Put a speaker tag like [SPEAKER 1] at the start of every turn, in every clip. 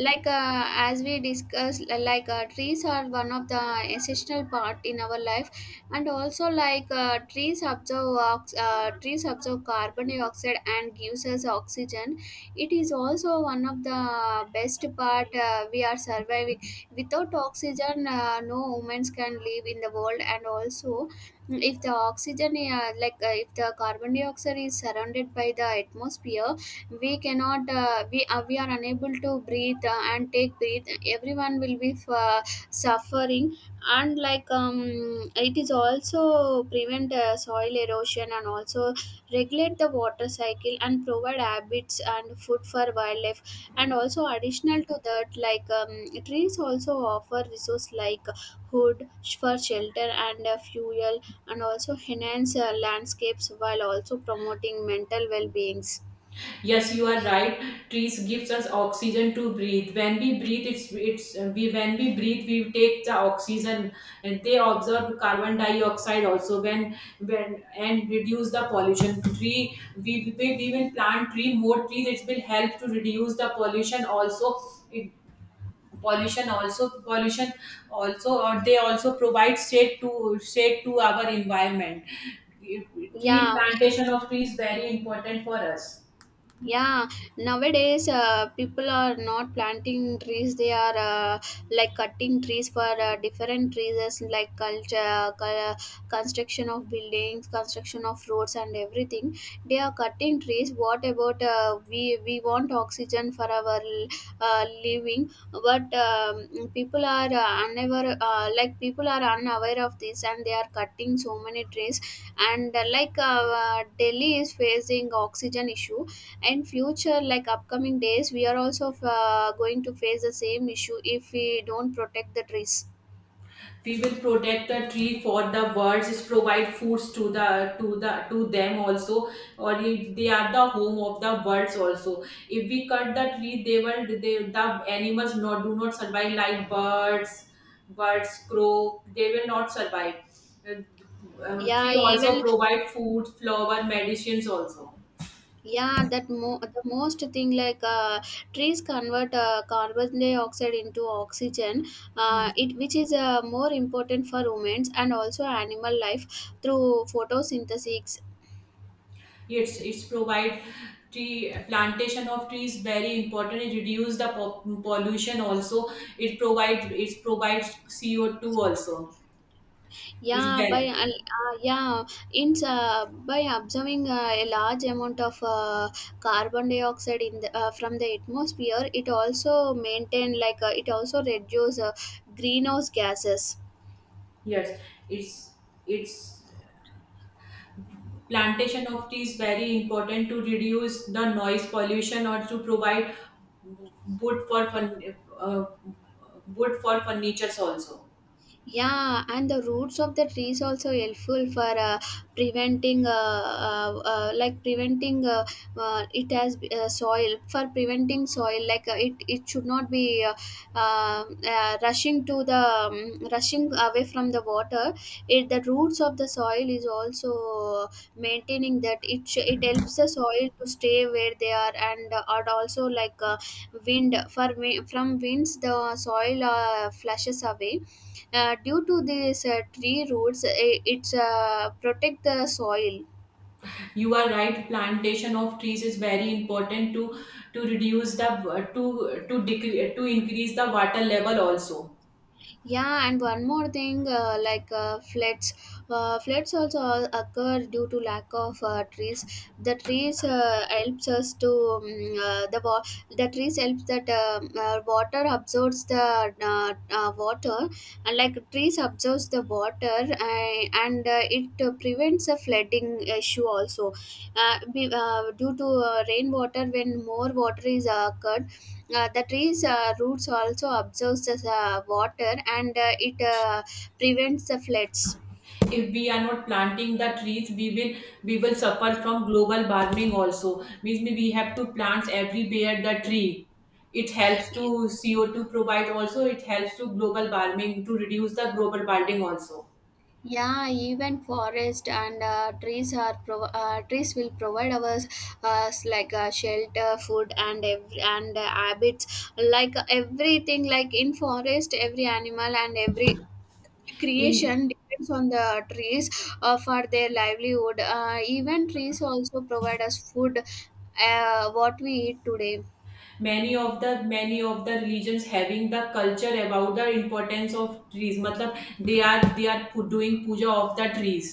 [SPEAKER 1] As we discussed, trees are one of the essential part in our life, and also trees trees absorb carbon dioxide and gives us oxygen. It is also one of the best part we are surviving. Without oxygen, no humans can live in the world. And also, if the carbon dioxide is surrounded by the atmosphere, we cannot we we are unable to breathe and take breath. Everyone will be suffering. And it is also prevent soil erosion, and also regulate the water cycle and provide habits and food for wildlife. And also, additional to that, trees also offer resource like wood for shelter and fuel, and also enhance landscapes while also promoting mental well-beings.
[SPEAKER 2] Yes, you are right. Trees gives us oxygen to breathe. When we breathe, it's we when we breathe, we take the oxygen, and they absorb carbon dioxide also. When and reduce the pollution. We will plant tree more trees. It will help to reduce the pollution also. It, pollution also, or they also provide shade to our environment. Tree
[SPEAKER 1] 要
[SPEAKER 2] Plantation of trees very important for us.
[SPEAKER 1] Yeah, nowadays, people are not planting trees. They are cutting trees for different reasons, like construction of buildings, construction of roads and everything. They are cutting trees. What about we want oxygen for our living? But People are unaware. People are unaware of this, and they are cutting so many trees. And Delhi is facing oxygen issue, and future, like upcoming days, we are also going to face the same issue if we don't protect the trees.
[SPEAKER 2] We will protect the tree for the birds, just provide foods to them also. Or if they are the home of the birds also. If we cut the tree, they will they the animals not do not survive, like birds. Birds, crow, they will not survive. Uh, Tree
[SPEAKER 1] Yeah.
[SPEAKER 2] also
[SPEAKER 1] Even,
[SPEAKER 2] provide food, flower, medicines also.
[SPEAKER 1] yeah, the most thing, trees convert carbon dioxide into oxygen,
[SPEAKER 2] Hmm.
[SPEAKER 1] it which is more important for humans and also animal life, through photosynthesis.
[SPEAKER 2] It's provide tree Plantation of trees very important. It reduce the pollution also. It provides CO2 also. It's very
[SPEAKER 1] Yeah, in by observing a large amount of carbon dioxide in the from the atmosphere, it also reduce greenhouse gases.
[SPEAKER 2] Yes. It's it's Plantation of trees very important to reduce the noise pollution, or to provide wood for fun, uh, wood for furnitures also.
[SPEAKER 1] Yeah, and the roots of the trees also helpful for preventing it has soil for preventing soil. Like it it should not be rushing to the rushing away from the water. It, the roots of the soil, is also maintaining that. It helps the soil to stay where they are. And and also, wind for from winds the soil flushes away. Due to these tree roots, it's protect the soil.
[SPEAKER 2] You are right, plantation of trees is very important to reduce the to decrease to increase the water level also.
[SPEAKER 1] Yeah, and one more thing, floods. Floods also occur due to lack of trees. The trees helps us to uh, the wa- the trees helps that water absorbs the water. And like trees absorbs the water, and it prevents a flooding issue also. Due to rainwater, when more water is occurred, the trees, roots also absorbs the water, and it prevents the floods.
[SPEAKER 2] If we are not planting the trees, we will suffer from global warming also. Means we have to plant everywhere the tree. It helps to CO2 provide also. It helps to global warming, to reduce the global warming also.
[SPEAKER 1] Yeah, even forest and trees will provide us shelter, food and ev and habits. Everything, like in forest, every animal and every
[SPEAKER 2] In
[SPEAKER 1] creation depends on the trees for their livelihood. Even trees also provide us food, what we eat today.
[SPEAKER 2] many of the religions having the culture about the importance of trees, matlab doing puja of the trees.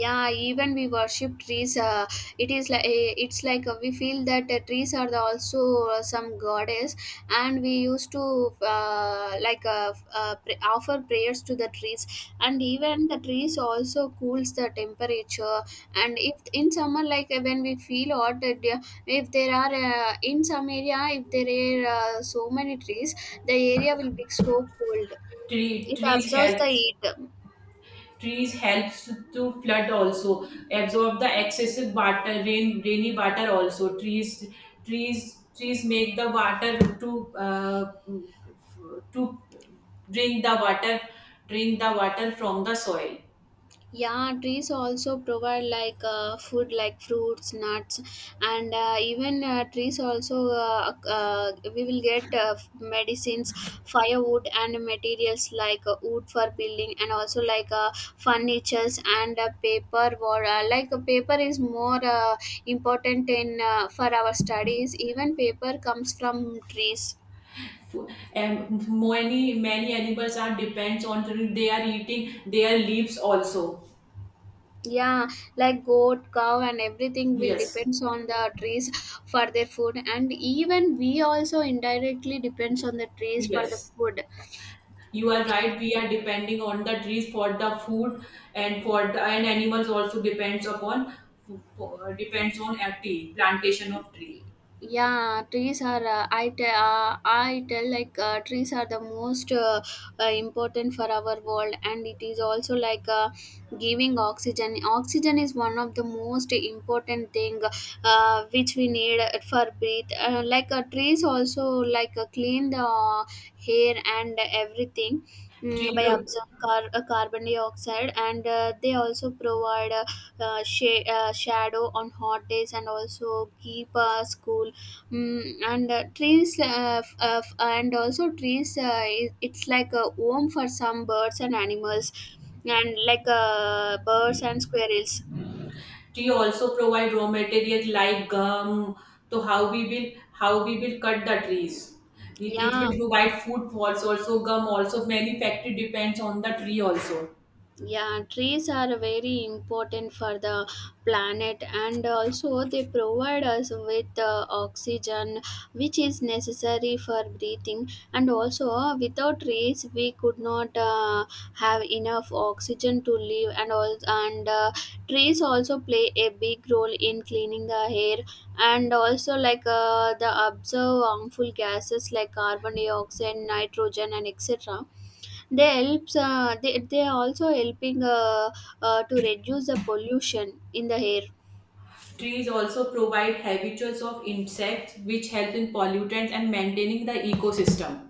[SPEAKER 1] Yeah, even we worship trees. It is like it's like We feel that trees are the also some goddess, and we used to offer prayers to the trees. And even the trees also cools the temperature. And if in summer, when we feel hot, if there are in some area, if there are so many trees, the area will be so cold.
[SPEAKER 2] Tree,
[SPEAKER 1] It
[SPEAKER 2] trees
[SPEAKER 1] absorbs the
[SPEAKER 2] helps
[SPEAKER 1] heat.
[SPEAKER 2] Trees helps to flood also, absorb the excessive water, rainy water also. Trees Trees make the water to uh, to drink the water, drink the water from the soil.
[SPEAKER 1] Yeah, trees also provide food like fruits, nuts, and even trees also, we will get medicines, firewood and materials, wood for building, and also furnitures and paper, or paper is more important in for our studies. Even paper comes from trees.
[SPEAKER 2] And many animals are depends on they are eating their leaves also.
[SPEAKER 1] Yeah, like goat, cow and everything will
[SPEAKER 2] Yes,
[SPEAKER 1] depends on the trees for their food. And even we also indirectly depends on the trees for the
[SPEAKER 2] yes,
[SPEAKER 1] food.
[SPEAKER 2] you are right. We are depending on the trees for the food, and for the and animals also depends on a tree, plantation of tree.
[SPEAKER 1] Yeah, trees are I tell like trees are the most important for our world. And it is also giving oxygen. Oxygen is one of the most important thing which we need for breathe. Trees also clean the hair and everything,
[SPEAKER 2] tree
[SPEAKER 1] by
[SPEAKER 2] pro-
[SPEAKER 1] absorbing carbon dioxide. And they also provide shadow on hot days, and also keep school, mm, and trees f- f- and also trees, it's like a home for some birds and animals, and birds and squirrels.
[SPEAKER 2] do you also provide raw material like gum? So how we will cut the trees? It
[SPEAKER 1] Yeah.
[SPEAKER 2] will provide food falls also, gum also. Many factory depends on the tree also.
[SPEAKER 1] Yeah, trees are very important for the planet, and also they provide us with oxygen, which is necessary for breathing. And also, without trees, we could not have enough oxygen to live and all. And trees also play a big role in cleaning the air. And also, the observe harmful gases like carbon dioxide, nitrogen and etc. They are also helping to reduce the pollution in the air.
[SPEAKER 2] Trees also provide habitats of insects, which help in pollutants and maintaining the ecosystem.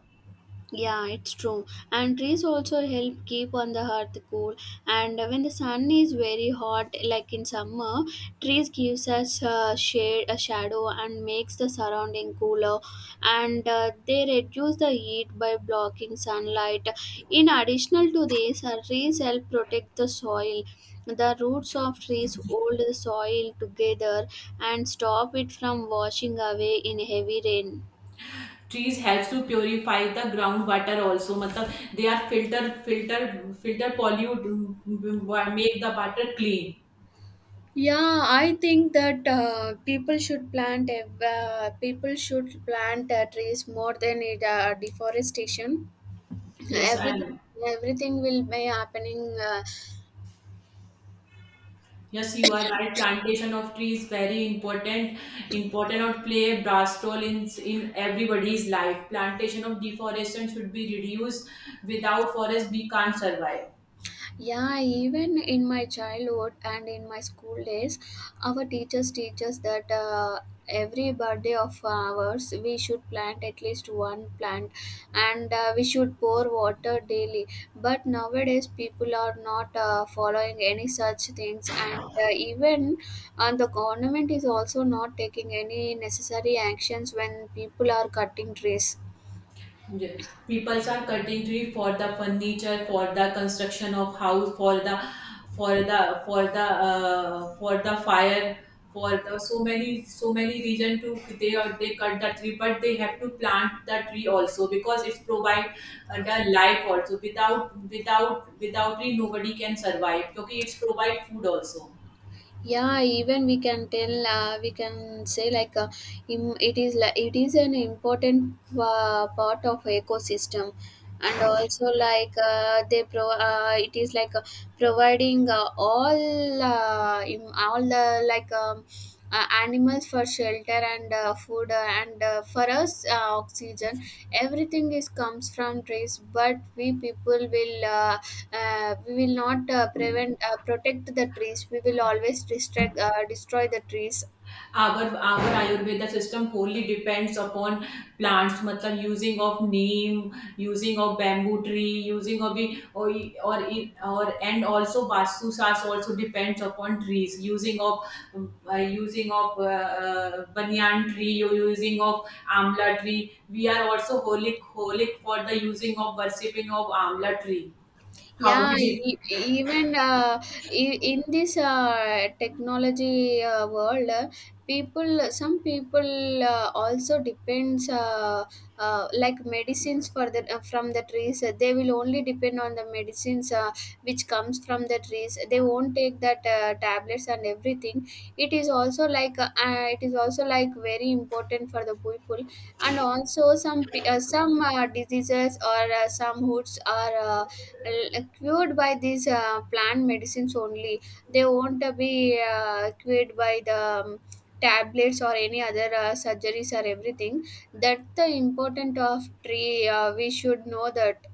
[SPEAKER 1] Yeah, it's true. And trees also help keep on the earth cool. And when the sun is very hot, like in summer, trees gives us a shade, a shadow, and makes the surrounding cooler. And they reduce the heat by blocking sunlight. In addition to this, trees help protect the soil. The roots of trees hold the soil together and stop it from washing away in heavy rain.
[SPEAKER 2] Trees helps to purify the groundwater also, मतलब they are filter pollute, make the water clean.
[SPEAKER 1] Yeah, I think that people should plant trees more than it, deforestation.
[SPEAKER 2] Yes, I
[SPEAKER 1] Everything
[SPEAKER 2] am.
[SPEAKER 1] everything will be happening.
[SPEAKER 2] Yes, you are right. Plantation of tree is very important or play a brass role in everybody's life. Plantation of deforestation should be reduced. Without forest, we can't survive.
[SPEAKER 1] Yeah, even in my childhood and in my school days, our teachers teach us that every birthday of ours we should plant at least one plant, and we should pour water daily. But nowadays, people are not following any such things. And even the government is also not taking any necessary actions when people are cutting trees.
[SPEAKER 2] Yeah. People are cutting tree for the furniture, for the construction of house, for the fire, for the so many reason to, they cut the tree, but they have to plant the tree also, because it's provide the life also. Without tree, nobody can survive. Because it's provide food also.
[SPEAKER 1] Yeah, even we can tell, we can say it is like, it is an important part of ecosystem. And also like they pro it is like providing all the animals for shelter and food, and for us oxygen. Everything is comes from trees. But we people will we will not prevent protect the trees. We will always destroy the trees.
[SPEAKER 2] Our ayurveda system wholly depends upon plants, matlab using of neem, using of bamboo tree, using of the or or and also vastu sas also depends upon trees, using of um, uh, using of uh, banyan tree, or using of amla tree. We are also holic for the using of worshipping of amla tree. How
[SPEAKER 1] Yeah,
[SPEAKER 2] we did?
[SPEAKER 1] in this technology world, people some people also depends like medicines for the, from the trees. They will only depend on the medicines which comes from the trees. They won't take that tablets and everything. It is also it is also like very important for the people. And also, some diseases, or some hoods are cured by these plant medicines only. They won't be cured by the tablets or any other surgeries or everything. That's the important of tree, we should know that.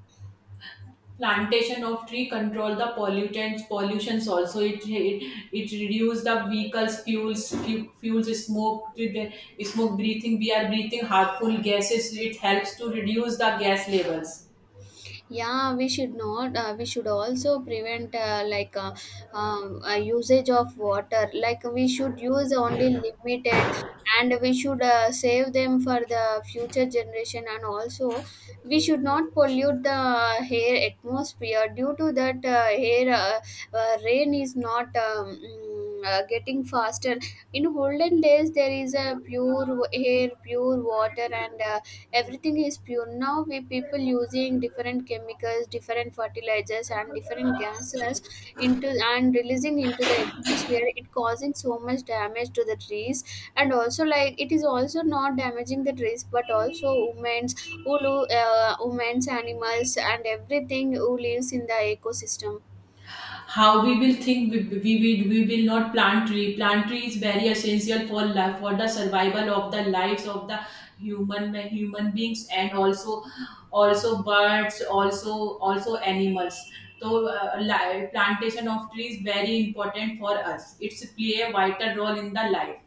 [SPEAKER 2] Plantation of tree control the pollutants, pollutions also. It reduce the vehicles fuels, fuels smoke. The smoke breathing, we are breathing harmful gases, it helps to reduce the gas levels.
[SPEAKER 1] Yeah, we should not, we should also prevent, usage of water. Like, we should use only limited, and we should save them for the future generation. And also, we should not pollute the air atmosphere. Due to that, air rain is not getting faster. In olden days, there is a pure air, pure water, and everything is pure. Now we people using different chemicals, different fertilizers and different gases into, and releasing into the atmosphere. It causing so much damage to the trees, and also, like, it is also not damaging the trees but also women's, women's, animals and everything who lives in the ecosystem.
[SPEAKER 2] How we will think, we will not plant tree. Plant tree is very essential for life, for the survival of the lives of the human beings, and also birds, also animals. So plantation of trees very important for us, it's play a vital role in the life.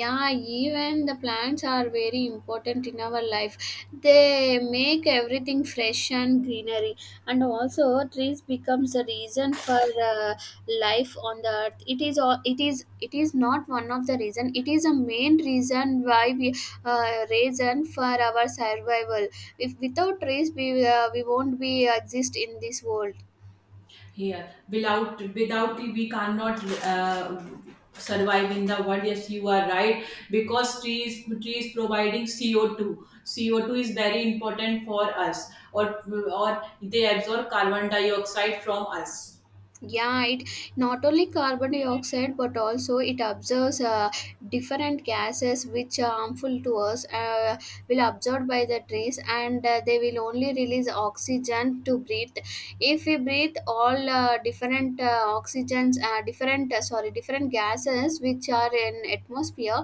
[SPEAKER 1] Yeah, even the plants are very important in our life. They make everything fresh and greenery. And also, trees becomes the reason for uh, life on the earth. It is all, it is not one of the reason, it is a main reason why we, reason for our survival. If without trees, we won't be exist in this world.
[SPEAKER 2] Yeah, without it, we cannot survive in the world. Yes, you are right, because trees providing CO2. CO2 is very important for us, or or they absorb carbon dioxide from us.
[SPEAKER 1] Yeah, it not only carbon dioxide but also it absorbs different gases which are harmful to us. Will absorb by the trees, and they will only release oxygen to breathe. If we breathe all different oxygens different sorry, different gases which are in atmosphere,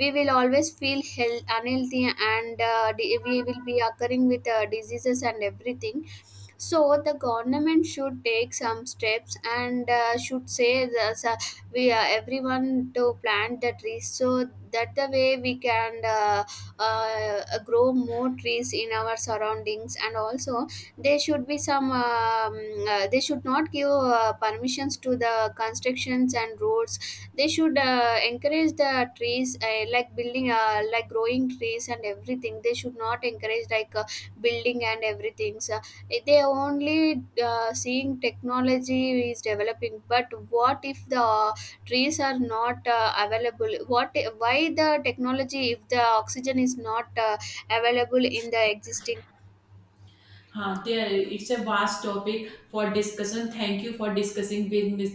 [SPEAKER 1] we will always feel health, unhealthy, and we will be occurring with diseases and everything. So the government should take some steps, and should say this, we everyone to plant the trees, so that the way we can grow more trees in our surroundings. And also, there should be some they should not give permissions to the constructions and roads. They should encourage the trees, like building like growing trees and everything. They should not encourage building and everything. So, they only seeing technology is developing, but what if the trees are not available? What, why the technology if the oxygen is not available in the existing?
[SPEAKER 2] Huh, there, it's a vast topic for discussion. Thank you for discussing with me.